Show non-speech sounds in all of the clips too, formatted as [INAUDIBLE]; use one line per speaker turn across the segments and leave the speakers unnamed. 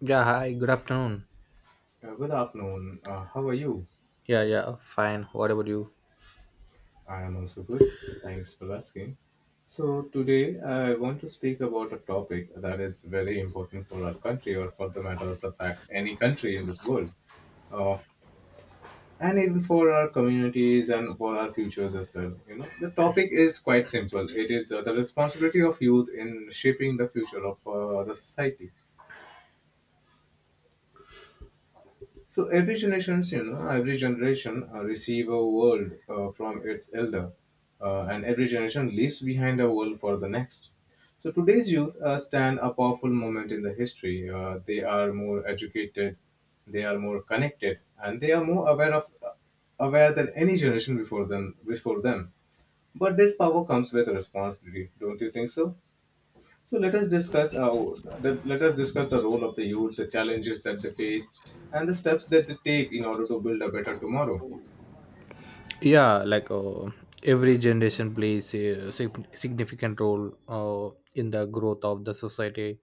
Yeah, hi, good afternoon.
Good afternoon. How are you?
Yeah, yeah, fine. What about you?
I am also good. Thanks for asking. So, today I want to speak about a topic that is very important for our country, or for the matter of the fact, any country in this world, uh, and even for our communities and for our futures as well. You know, the topic is quite simple it is the responsibility of youth in shaping the future of the society. So every generation, you know, every generation receive a world from its elder, and every generation leaves behind a world for the next. So today's youth stand a powerful moment in the history. They are more educated, they are more connected, and they are more aware of aware than any generation before them. But this power comes with responsibility. Don't you think so? So let us discuss the role of the youth, the challenges that they face, and the steps that they take in order to build a better tomorrow.
yeah like uh, every generation plays a significant role in the growth of the society,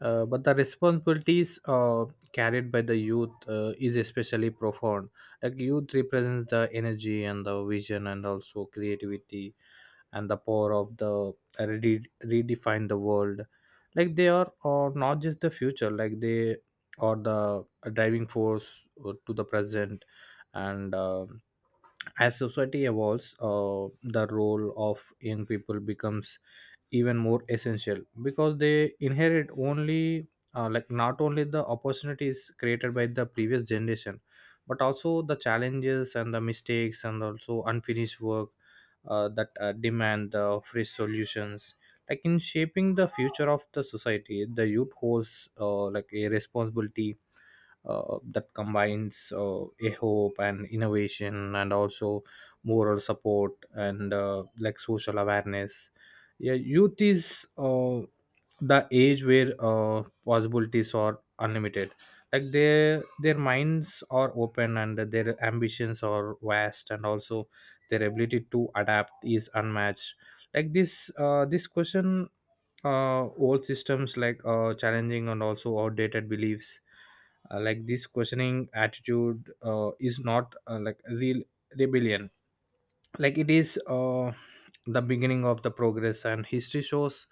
but the responsibilities carried by the youth is especially profound. Like, youth represents the energy and the vision and also creativity and the power of the redefine the world. Like, they are not just the future, like they are the driving force to the present. And As society evolves, the role of young people becomes even more essential because they inherit only, like not only the opportunities created by the previous generation, but also the challenges and the mistakes and also unfinished work that demand the fresh solutions. Like, in shaping the future of the society, the youth holds, like a responsibility that combines a hope and innovation and also moral support and, like social awareness. Yeah, youth is the age where possibilities are unlimited. Like, their minds are open and their ambitions are vast, and also their ability to adapt is unmatched. Like, this this question old systems, like challenging and also outdated beliefs, like this questioning attitude is not, like, real rebellion. Like, it is the beginning of the progress, and history shows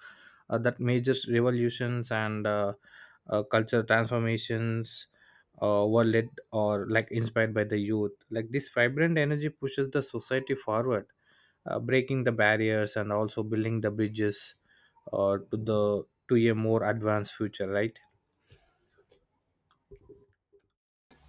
that major revolutions and, cultural transformations were led or, like, inspired by the youth. Like, this vibrant energy pushes the society forward, breaking the barriers and also building the bridges to the to a more advanced future, right?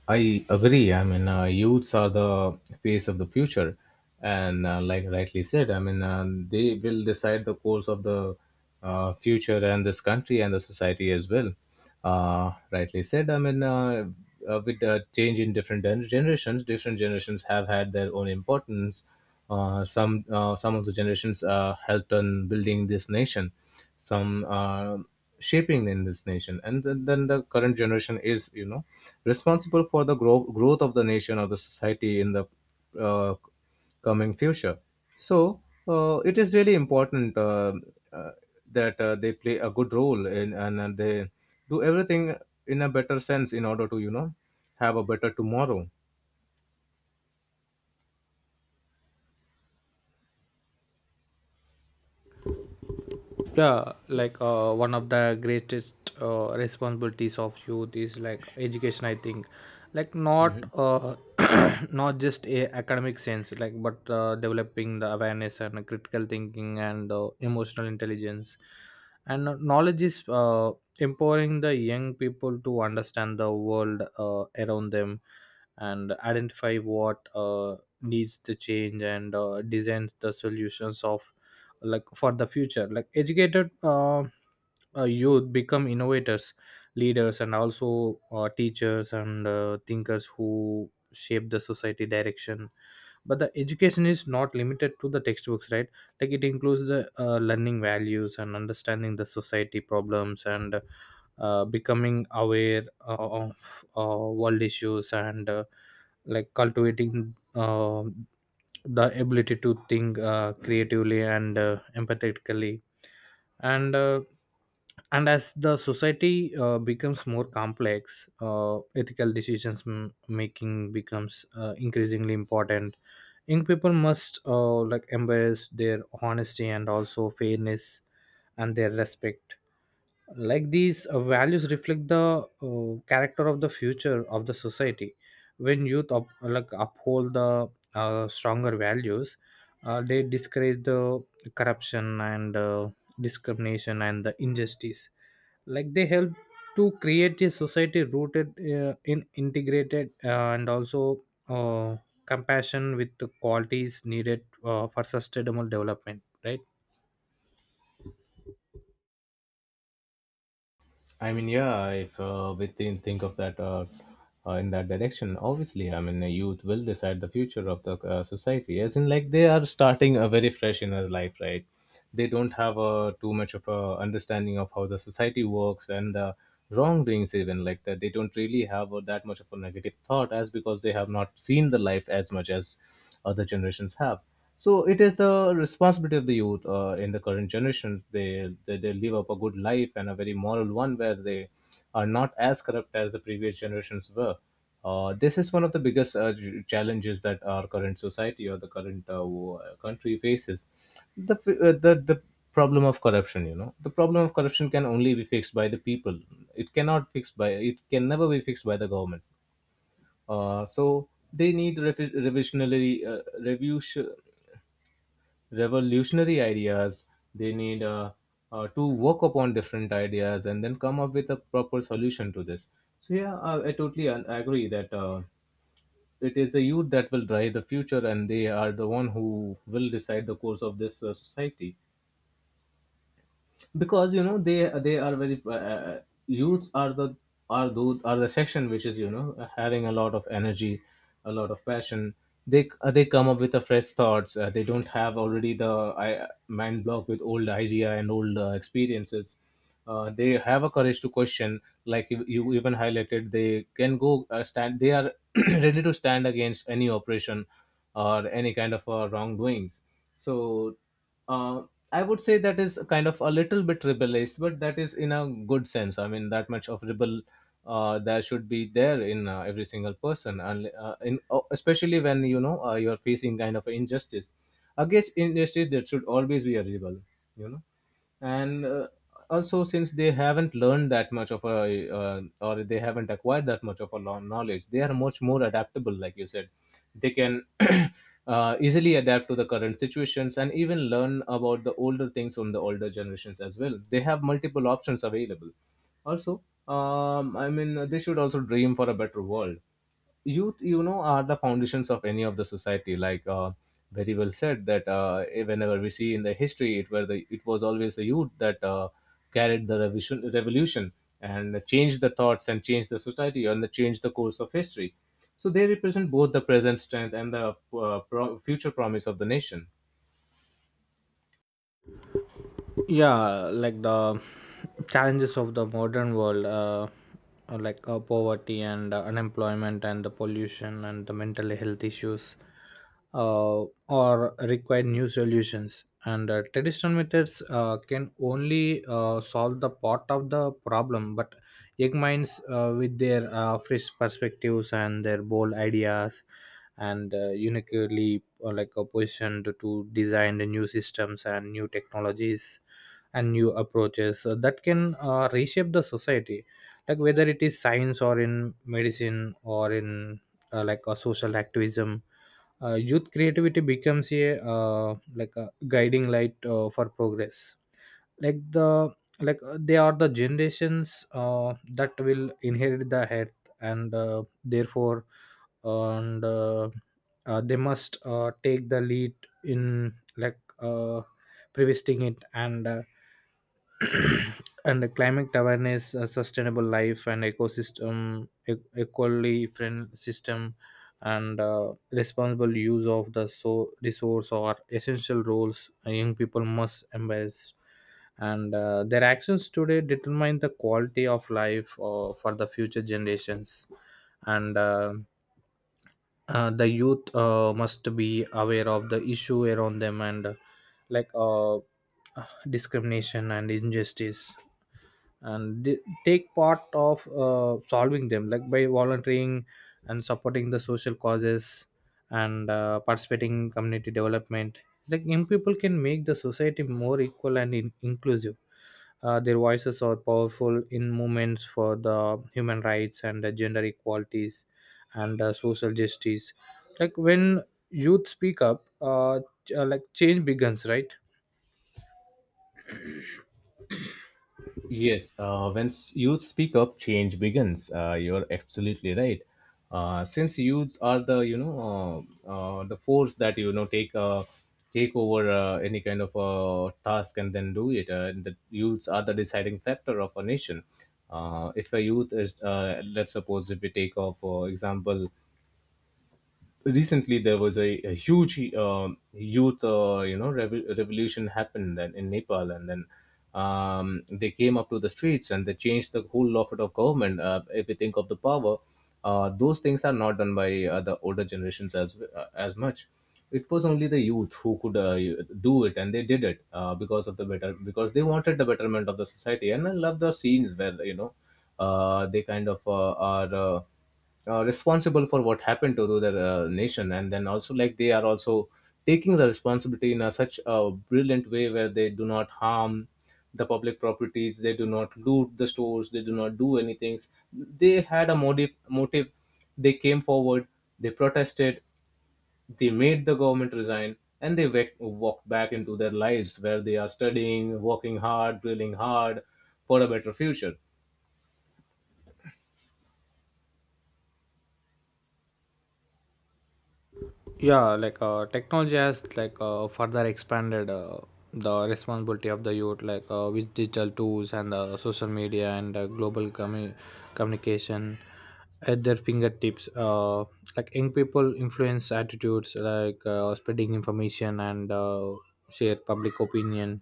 I agree. I mean, youths are the face of the future, and like rightly said, I mean, they will decide the course of the future and this country and the society as well. Rightly said. I mean, with the change in different generations, different generations have had their own importance. Uh, some of the generations helped in building this nation, some shaping in this nation, and then the current generation is, you know, responsible for the growth of the nation or the society in the uh, coming future. So it is really important uh, that they play a good role in, and they do everything in a better sense in order to, you know, have a better tomorrow.
One of the greatest responsibilities of youth is, like, education, I think. Like, not, [COUGHS] [CLEARS THROAT] not just a academic sense, like, but developing the awareness and critical thinking and, emotional intelligence. And knowledge is, empowering the young people to understand the world around them and identify what needs to change and design the solutions of, like, for the future. Like, educated, youth become innovators, leaders, and also teachers and thinkers who shape the society direction. But the education is not limited to the textbooks, right? Like, it includes the learning values and understanding the society problems and becoming aware of world issues and, like cultivating, um, the ability to think creatively and empathetically, and uh, and as the society becomes more complex, ethical decisions making becomes increasingly important. Young people must, like, embrace their honesty and also fairness and their respect. Like, these values reflect the character of the future of the society. When youth up, like, uphold the stronger values, they discourage the corruption and discrimination and the injustice. Like, they help to create a society rooted, in integrated, and also uh, compassion with the qualities needed for sustainable development, right?
I mean, yeah, if we think of that in that direction, obviously, I mean, the youth will decide the future of the society. As in, like, they are starting a very fresh in their life, right? They don't have too much of a understanding of how the society works and the wrongdoings, even like that. They don't really have that much of a negative thought, as because they have not seen the life as much as other generations have. So it is the responsibility of the youth in the current generations, they live up a good life and a very moral one where they are not as corrupt as the previous generations were. This is one of the biggest challenges that our current society or the current country faces, the, f- the problem of corruption. You know, the problem of corruption can only be fixed by the people. It can never be fixed by the government. So they need revi- revisionary review revolutionary ideas. They need to work upon different ideas and then come up with a proper solution to this. So yeah, I totally agree that it is the youth that will drive the future, and they are the one who will decide the course of this society, because you know they are very youths are the are those are the section which is, you know, having a lot of energy, a lot of passion. They come up with the fresh thoughts. They don't have already the mind block with old idea and old experiences. They have a courage to question. Like you even highlighted, they are [CLEARS THROAT] ready to stand against any oppression or any kind of wrongdoings. So uh, I would say that is kind of a little bit rebellious, but that is in a good sense. I mean, that much of rebel that should be there in every single person, and especially when you know you're facing kind of injustice. Against injustice, there should always be a rebel, you know. And also since they haven't learned that much of a or they haven't acquired that much of a knowledge, they are much more adaptable. Like you said, they can [COUGHS] [CLEARS THROAT] easily adapt to the current situations, and even learn about the older things from the older generations as well. They have multiple options available also. I mean, they should also dream for a better world. Youth, you know, are the foundations of any of the society. Like very well said that whenever we see in the history, it was always the youth that carried the revision revolution, and changed the thoughts, and changed the society, and the changed the course of history. So they represent both the present strength and the future promise of the nation.
The challenges of the modern world are, like, poverty and unemployment and the pollution and the mental health issues, or require new solutions, and traditional methods can only solve the part of the problem. But young minds with their fresh perspectives and their bold ideas and, uniquely, like, a position to design the new systems and new technologies and new approaches that can reshape the society. Like, whether it is science or in medicine or in, like, a social activism, youth creativity becomes a, like, a guiding light for progress. Like, the like, they are the generations that will inherit the earth, and therefore and they must take the lead in, like, preventing it and, [CLEARS THROAT] and the climate awareness, sustainable life, and ecosystem, equally friend system, and responsible use of the so resource are essential roles young people must embrace. And their actions today determine the quality of life for the future generations. And the youth must be aware of the issue around them and, like, discrimination and injustice, and they take part of, solving them, like, by volunteering and supporting the social causes and participating in community development. Like, young people can make the society more equal and inclusive. Their voices are powerful in movements for the human rights and, gender equalities and, social justice. Like, when youth speak up, like, change begins, right?
Yes, when youth speak up, change begins. You're absolutely right. Since youths are the, you know, the force that, you know, take over any kind of task and then do it, and the youths are the deciding factor of a nation. If a youth is, let's suppose, if we take off for example, recently there was a huge youth you know revolution happened then in Nepal, and then they came up to the streets and they changed the whole lot of government. If you think of the power, those things are not done by the older generations as much. It was only the youth who could do it, and they did it because they wanted the betterment of the society. And I love the scenes where, you know, they kind of are responsible for what happened to their nation, and then also like they are also taking the responsibility in a, such a brilliant way, where they do not harm the public properties, they do not loot the stores, they do not do anything. They had a motive. They came forward, they protested, they made the government resign, and walked back into their lives where they are studying, working hard, drilling hard for a better future.
Technology has, like, further expanded the responsibility of the youth. Like, with digital tools and, social media, and global communication at their fingertips, like, young people influence attitudes, like spreading information and, share public opinion.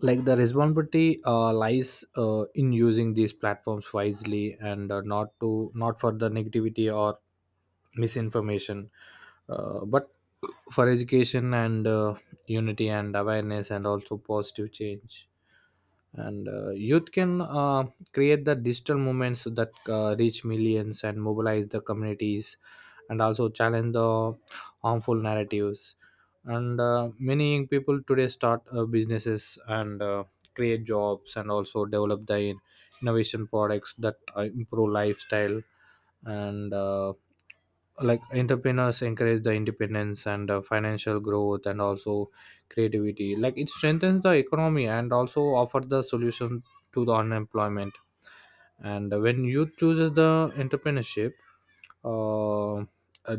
Like, the responsibility lies, in using these platforms wisely and, not to not for the negativity or misinformation, but for education and, unity and awareness and also positive change. And youth can, create the digital movements that reach millions and mobilize the communities and also challenge the harmful narratives. And, many young people today start businesses and create jobs and also develop their innovation products that improve lifestyle. And, like, entrepreneurs encourage the independence and, financial growth and also creativity. Like, it strengthens the economy and also offer the solution to the unemployment. And when youth chooses the entrepreneurship, uh, uh,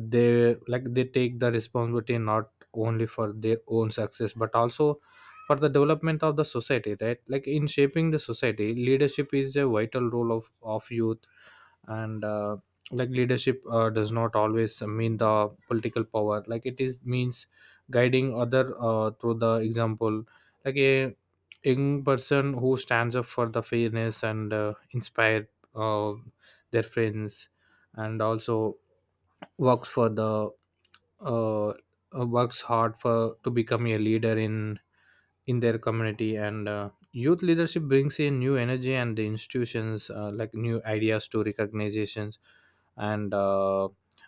they, like, they take the responsibility not only for their own success but also for the development of the society, right? Like, in shaping the society, leadership is a vital role of youth. And like, leadership does not always mean the political power. Like, it is means guiding other through the example. Like, a young person who stands up for the fairness and inspire uh, their friends and also works for the, uh, uh, works hard for to become a leader in their community. And youth leadership brings in new energy and the institutions, like, new ideas to recognizations and, uh,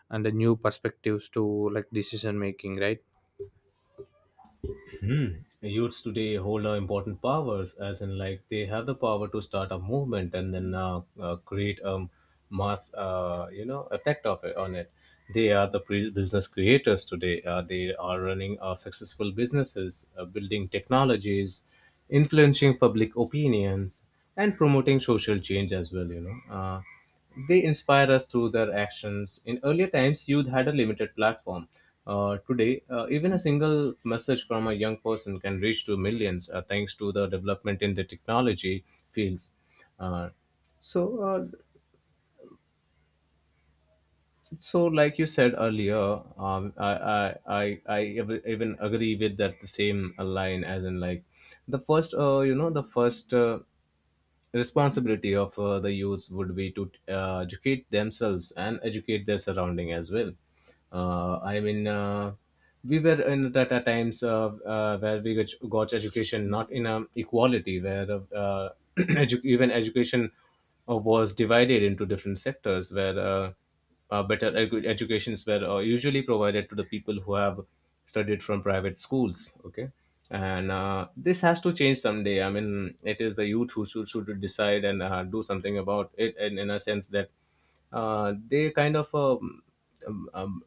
and the new perspectives to, like, decision making, right?
Hmm. Youths today hold important powers, as in like they have the power to start a movement and then create a mass, you know, effect of it on it. They are the business creators today. They are running successful businesses, building technologies, influencing public opinions, and promoting social change as well. You know. They inspire us through their actions. In earlier times, youth had a limited platform. Today, even a single message from a young person can reach to millions, thanks to the development in the technology fields. Uh, so, uh, so, like you said earlier, I even agree with that the same line, as in like the first, you know, the first responsibility of the youths would be to educate themselves and educate their surrounding as well. I mean, we were in that at times where we got education not in a equality, where uh, [CLEARS THROAT] even education was divided into different sectors where. Educations were usually provided to the people who have studied from private schools. Okay, and this has to change someday. I mean, it is the youth who should decide and do something about it. And in a sense that they kind of um, um,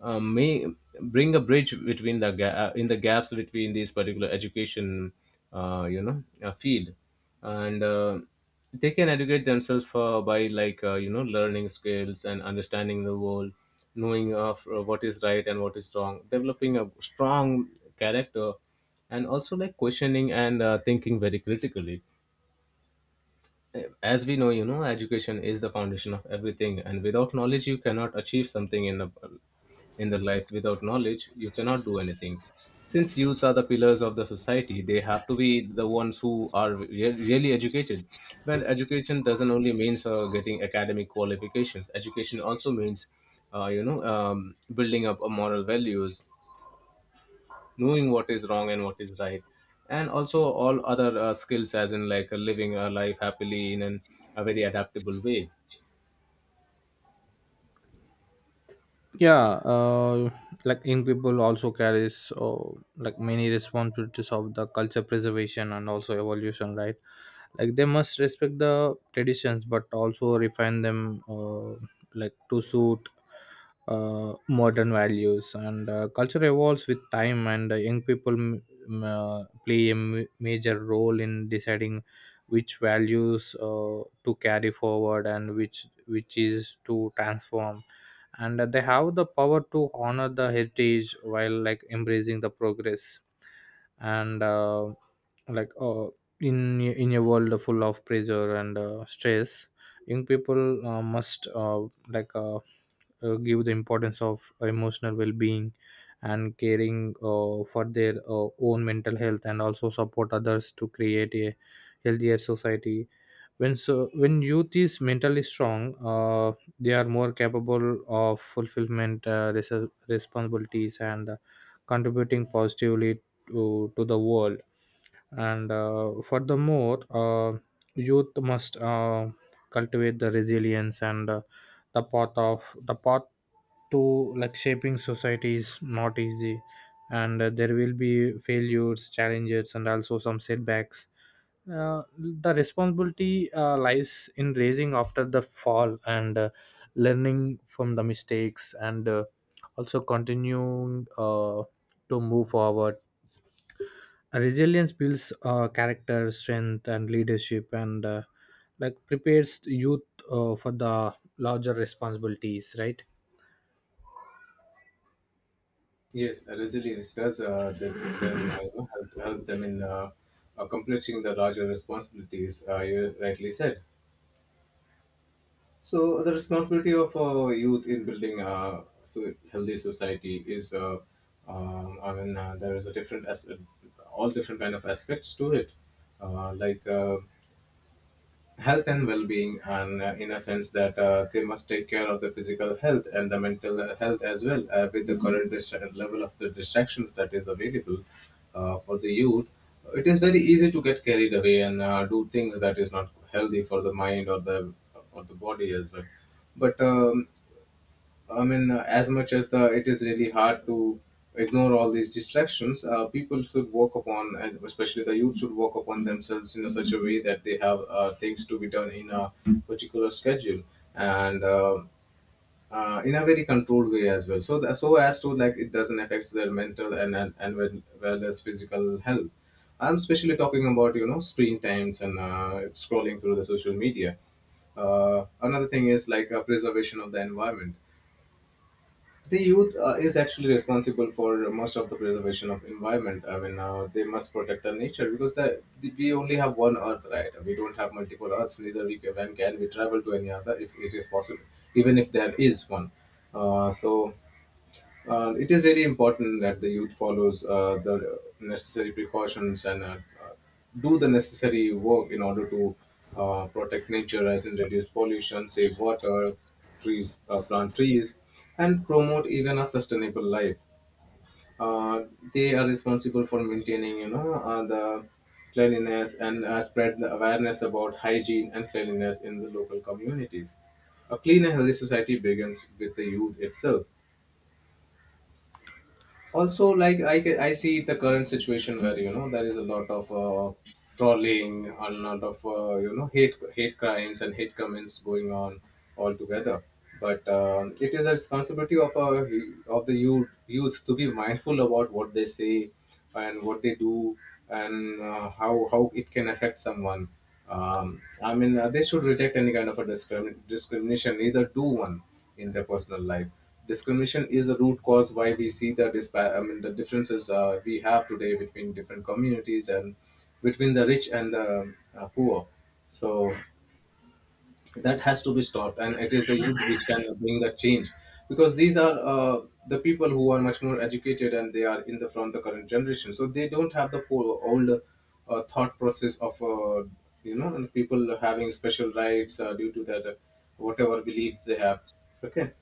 may bring a bridge between the in the gaps between these particular education field. And They can educate themselves by like learning skills and understanding the world, knowing of what is right and what is wrong, developing a strong character, and also like questioning and thinking very critically. As we know, you know, education is the foundation of everything, and without knowledge you cannot achieve something in the life. Without knowledge you cannot do anything. Since youths are the pillars of the society, they have to be the ones who are really educated. Well, education doesn't only means getting academic qualifications. Education also means building up a moral values, knowing what is wrong and what is right, and also all other skills as in like living a life happily in a very adaptable way.
yeah uh, like, young people also carries like many responsibilities of the culture preservation and also evolution, right? Like, they must respect the traditions but also refine them, like, to suit modern values. And culture evolves with time, and young people play a major role in deciding which values to carry forward and which is to transform. And they have the power to honor the heritage while, like, embracing the progress. And, like in a world full of pressure and, stress, young people must, like, give the importance of emotional well-being and caring for their own mental health, and also support others to create a healthier society. When so when youth is mentally strong, uh, they are more capable of fulfillment, responsibilities and, contributing positively to the world. And furthermore, youth must, cultivate the resilience. And, the path of the path to, like, shaping society is not easy. And, there will be failures, challenges, and also some setbacks. The responsibility lies in raising after the fall and, learning from the mistakes and, also continuing to move forward. Resilience builds character, strength, and leadership, and, like, prepares youth for the larger responsibilities, right?
Yes, resilience does this them, you know, help them in accomplishing the larger responsibilities, you rightly said. So the responsibility of youth in building a so healthy society is I mean, there is a different as all different kind of aspects to it. uh, like uh, Health and well-being, and in a sense that they must take care of the physical health and the mental health as well, with the current level of the distractions that is available for the youth. It is very easy to get carried away and do things that is not healthy for the mind or the body as well. But I mean, as much as the it is really hard to ignore all these distractions, people should work upon, and especially the youth should work upon themselves in a such a way that they have things to be done in a particular schedule, and in a very controlled way as well. So that, so as to like it doesn't affect their mental and well, well as physical health. I'm especially talking about, you know, screen times and scrolling through the social media. Another thing is like preservation of the environment. The youth is actually responsible for most of the preservation of environment. I mean, they must protect the nature, because we only have one earth, right? We don't have multiple earths, neither can we travel to any other if it is possible, even if there is one. uh, so it is very important that the youth follows the necessary precautions and uh, do the necessary work in order to protect nature, as in reduce pollution, save water, trees, plant trees, and promote even a sustainable life. Uh, they are responsible for maintaining, you know, the cleanliness and spread the awareness about hygiene and cleanliness in the local communities. A clean and healthy society begins with the youth itself. Also, like, I see the current situation where, you know, there is a lot of trolling, a lot of hate crimes and hate comments going on altogether. But it is a responsibility of of the youth to be mindful about what they say and what they do and how it can affect someone. I mean, they should reject any kind of a discrimination either do one in their personal life. Discrimination is the root cause why we see the I mean, the differences we have today between different communities and between the rich and the poor. So that has to be stopped, and it is the youth which can bring that change, because these are the people who are much more educated and they are in the from the current generation, so they don't have the old thought process of and people having special rights due to that whatever beliefs they have. Okay.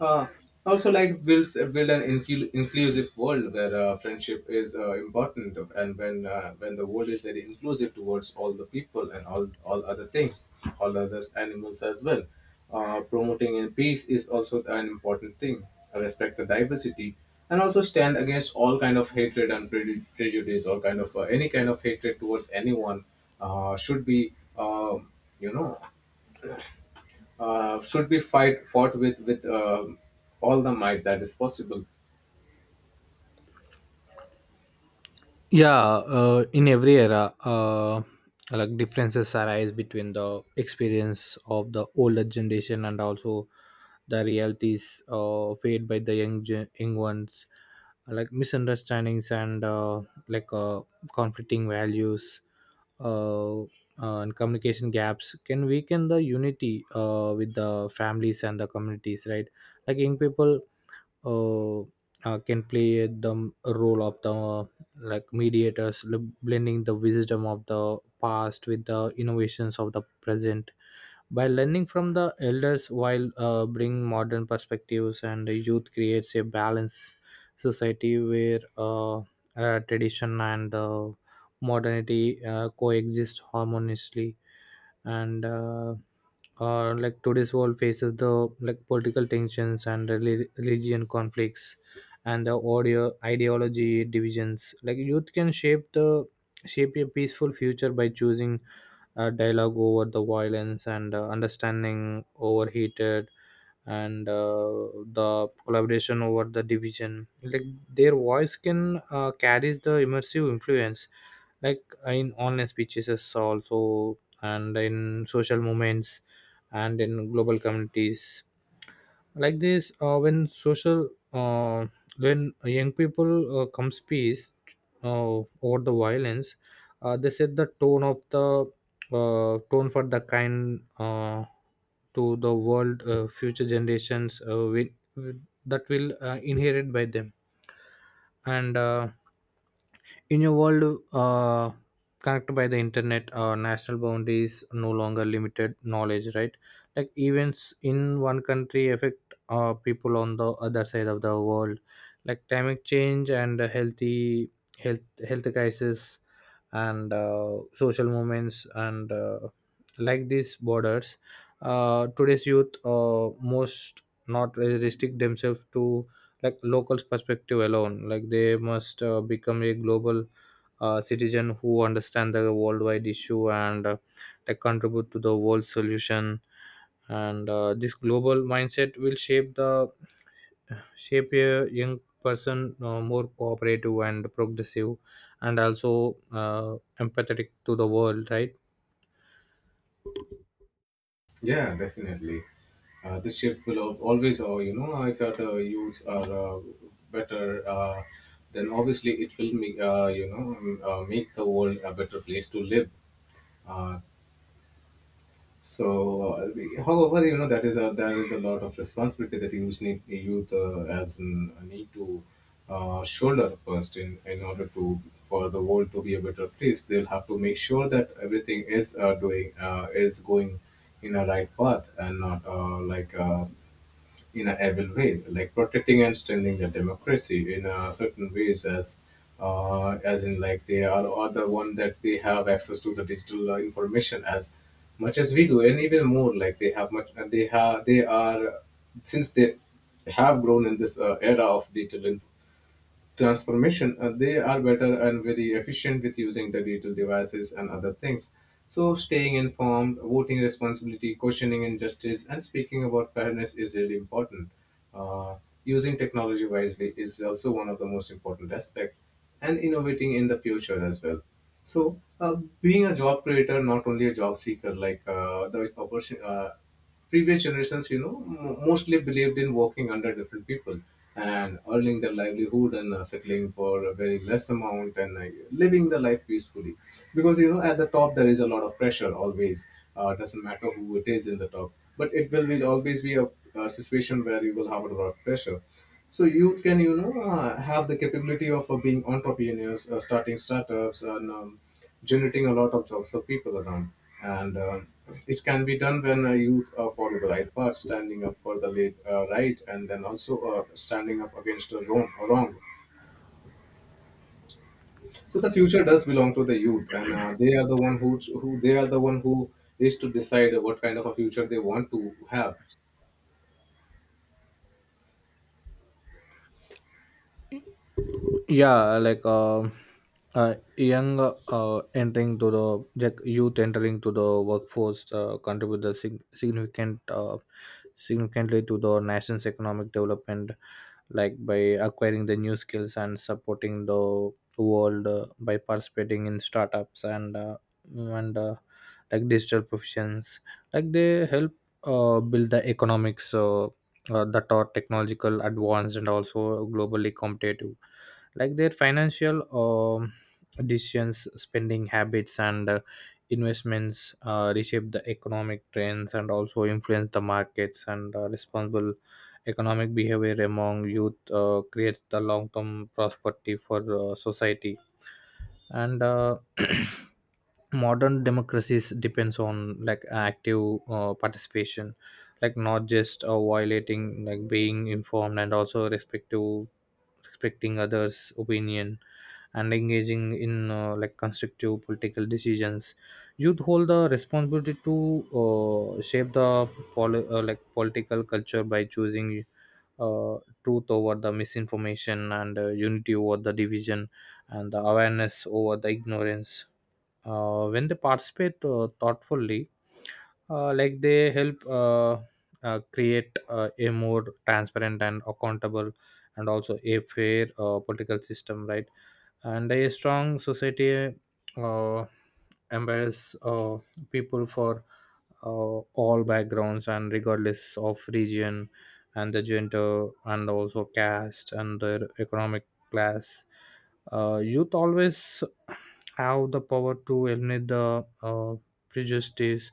uh, Also, like build an inclusive world where friendship is important, and when the world is very inclusive towards all the people and all other things, all other animals as well. Promoting in peace is also an important thing. Respect the diversity, and also stand against all kind of hatred and prejudice, or kind of any kind of hatred towards anyone should be you know should be fight fought with with all the might that is possible.
Yeah in every era, like, differences arise between the experience of the older generation and also the realities faced by the young ones. Like, misunderstandings and, like, conflicting values, uh, uh, and communication gaps can weaken the unity with the families and the communities, right? Like, young people, uh, can play the role of the, like, mediators, blending the wisdom of the past with the innovations of the present. By learning from the elders while bringing modern perspectives, and the youth creates a balanced society where, tradition and, modernity coexist harmoniously. And, like today's world faces the, like, political tensions and religion conflicts and the audio ideology divisions. Like, youth can shape the shape a peaceful future by choosing, dialogue over the violence and, understanding over heated and, the collaboration over the division. Like, their voice can carries the immersive influence, like in online speeches as also and in social movements and in global communities. Like, this when young people comes peace over the violence, they set the tone of the, tone for the kind, to the world. Future generations will- that will inherit by them. And, in a world connected by the internet, national boundaries no longer limited knowledge, right? Like, events in one country affect people on the other side of the world, like climate change and health health crisis, and, social movements, and, like, these borders. Today's youth most not restrict themselves to, like, locals perspective alone. Like, they must become a global citizen who understand the worldwide issue and, like, contribute to the world solution. And, this global mindset will shape the shape a young person more cooperative and progressive and also empathetic to the world, right?
Yeah, definitely. This shift will always, or you know, if the youths are better, then obviously it will make make the world a better place to live. Uh, So, uh, However, you know, that is a there is a lot of responsibility that youth as a need to shoulder first in order to for the world to be a better place. They'll have to make sure that everything is doing is going in a right path and not in a evil way, like protecting and strengthening the democracy in a certain ways as in like are the one that they have access to the digital information as much as we do, and even more like they have they are since they have grown in this era of digital transformation. They are better and very efficient with using the digital devices and other things. So, staying informed, voting responsibility, questioning injustice, and speaking about fairness is really important. Uh, Using technology wisely is also one of the most important aspect, and innovating in the future as well. So, being a job creator, not only a job seeker, like the opportunity. Previous generations, you know, mostly believed in working under different people and earning their livelihood and settling for a very less amount and living the life peacefully. Because, you know, at the top, there is a lot of pressure always. Doesn't matter who it is in the top, but always be a situation where you will have a lot of pressure. So youth can, you know, have the capability of being entrepreneurs, starting startups, and generating a lot of jobs for people around. And It can be done when youth follow the right path, standing up for the late, right, and then also standing up against the wrong. So the future does belong to the youth, and they are the one who is to decide what kind of a future they want to have.
yeah like um Young, entering to the, like, youth entering to the workforce contribute the significant, significantly to the nation's economic development. Like, by acquiring the new skills and supporting the world by participating in startups and, and uh, like, digital professions. Like, they help build the economics that are technological advanced and also globally competitive. Like, their financial, decisions, spending habits and, investments reshape the economic trends and also influence the markets. And, responsible economic behavior among youth creates the long-term prosperity for, society. And, [CLEARS THROAT] modern democracies depends on, like, active participation. Like, not just violating, like, being informed and also respective, respecting others opinion, and engaging in, like, constructive political decisions. Youth hold the responsibility to, shape the like political culture by choosing, uh, truth over the misinformation and, unity over the division and the awareness over the ignorance. When they participate thoughtfully, like, they help, create a more transparent and accountable and also a fair political system, right? And a strong society uh, empowers, people for, all backgrounds and regardless of region and the gender and also caste and their economic class. Youth always have the power to eliminate the, prejudice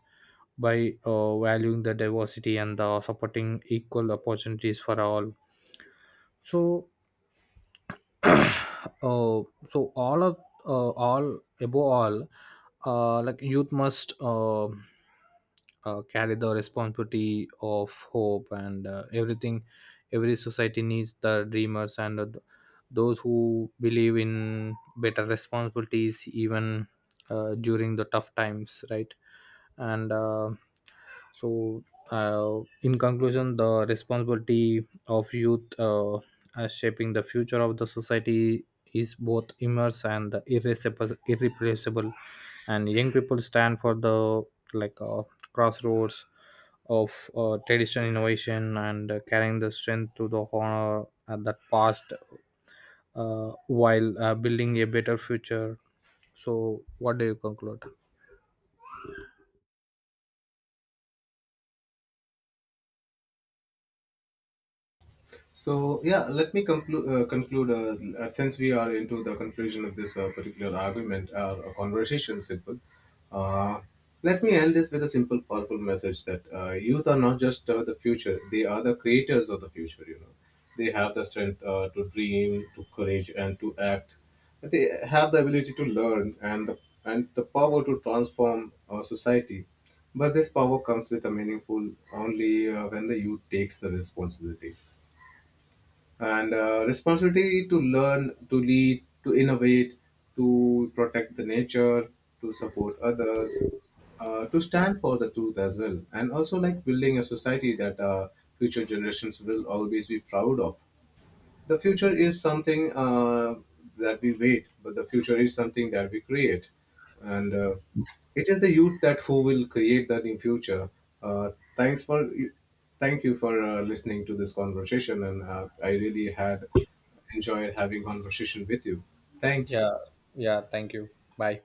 by valuing the diversity and the supporting equal opportunities for all. So, [COUGHS] uh, so all of all above all, like, youth must, carry the responsibility of hope and, everything. Every society needs the dreamers and, those who believe in better responsibilities even during the tough times, right? And, so in conclusion, the responsibility of youth, shaping the future of the society is both immense and irreplaceable. And young people stand for the, like, crossroads of, tradition, innovation, and, carrying the strength to the honor at that past, while building a better future. So, what do you conclude?
So yeah, let me conclude. Since we are into the conclusion of this particular argument, or conversation, simple. Uh, Let me end this with a simple, powerful message that youth are not just the future; they are the creators of the future. You know, they have the strength to dream, to courage, and to act. They have the ability to learn and the power to transform society. But this power comes with a meaningful only when the youth takes the responsibility, and responsibility to learn, to lead, to innovate, to protect the nature, to support others, to stand for the truth as well, and also like building a society that future generations will always be proud of. The future is something that we wait, but the future is something that we create. And it is the youth that who will create the new future. Uh, thanks for Thank you for listening to this conversation, and I really had enjoyed having conversation with you. Thanks.
Yeah. Yeah, thank you. Bye.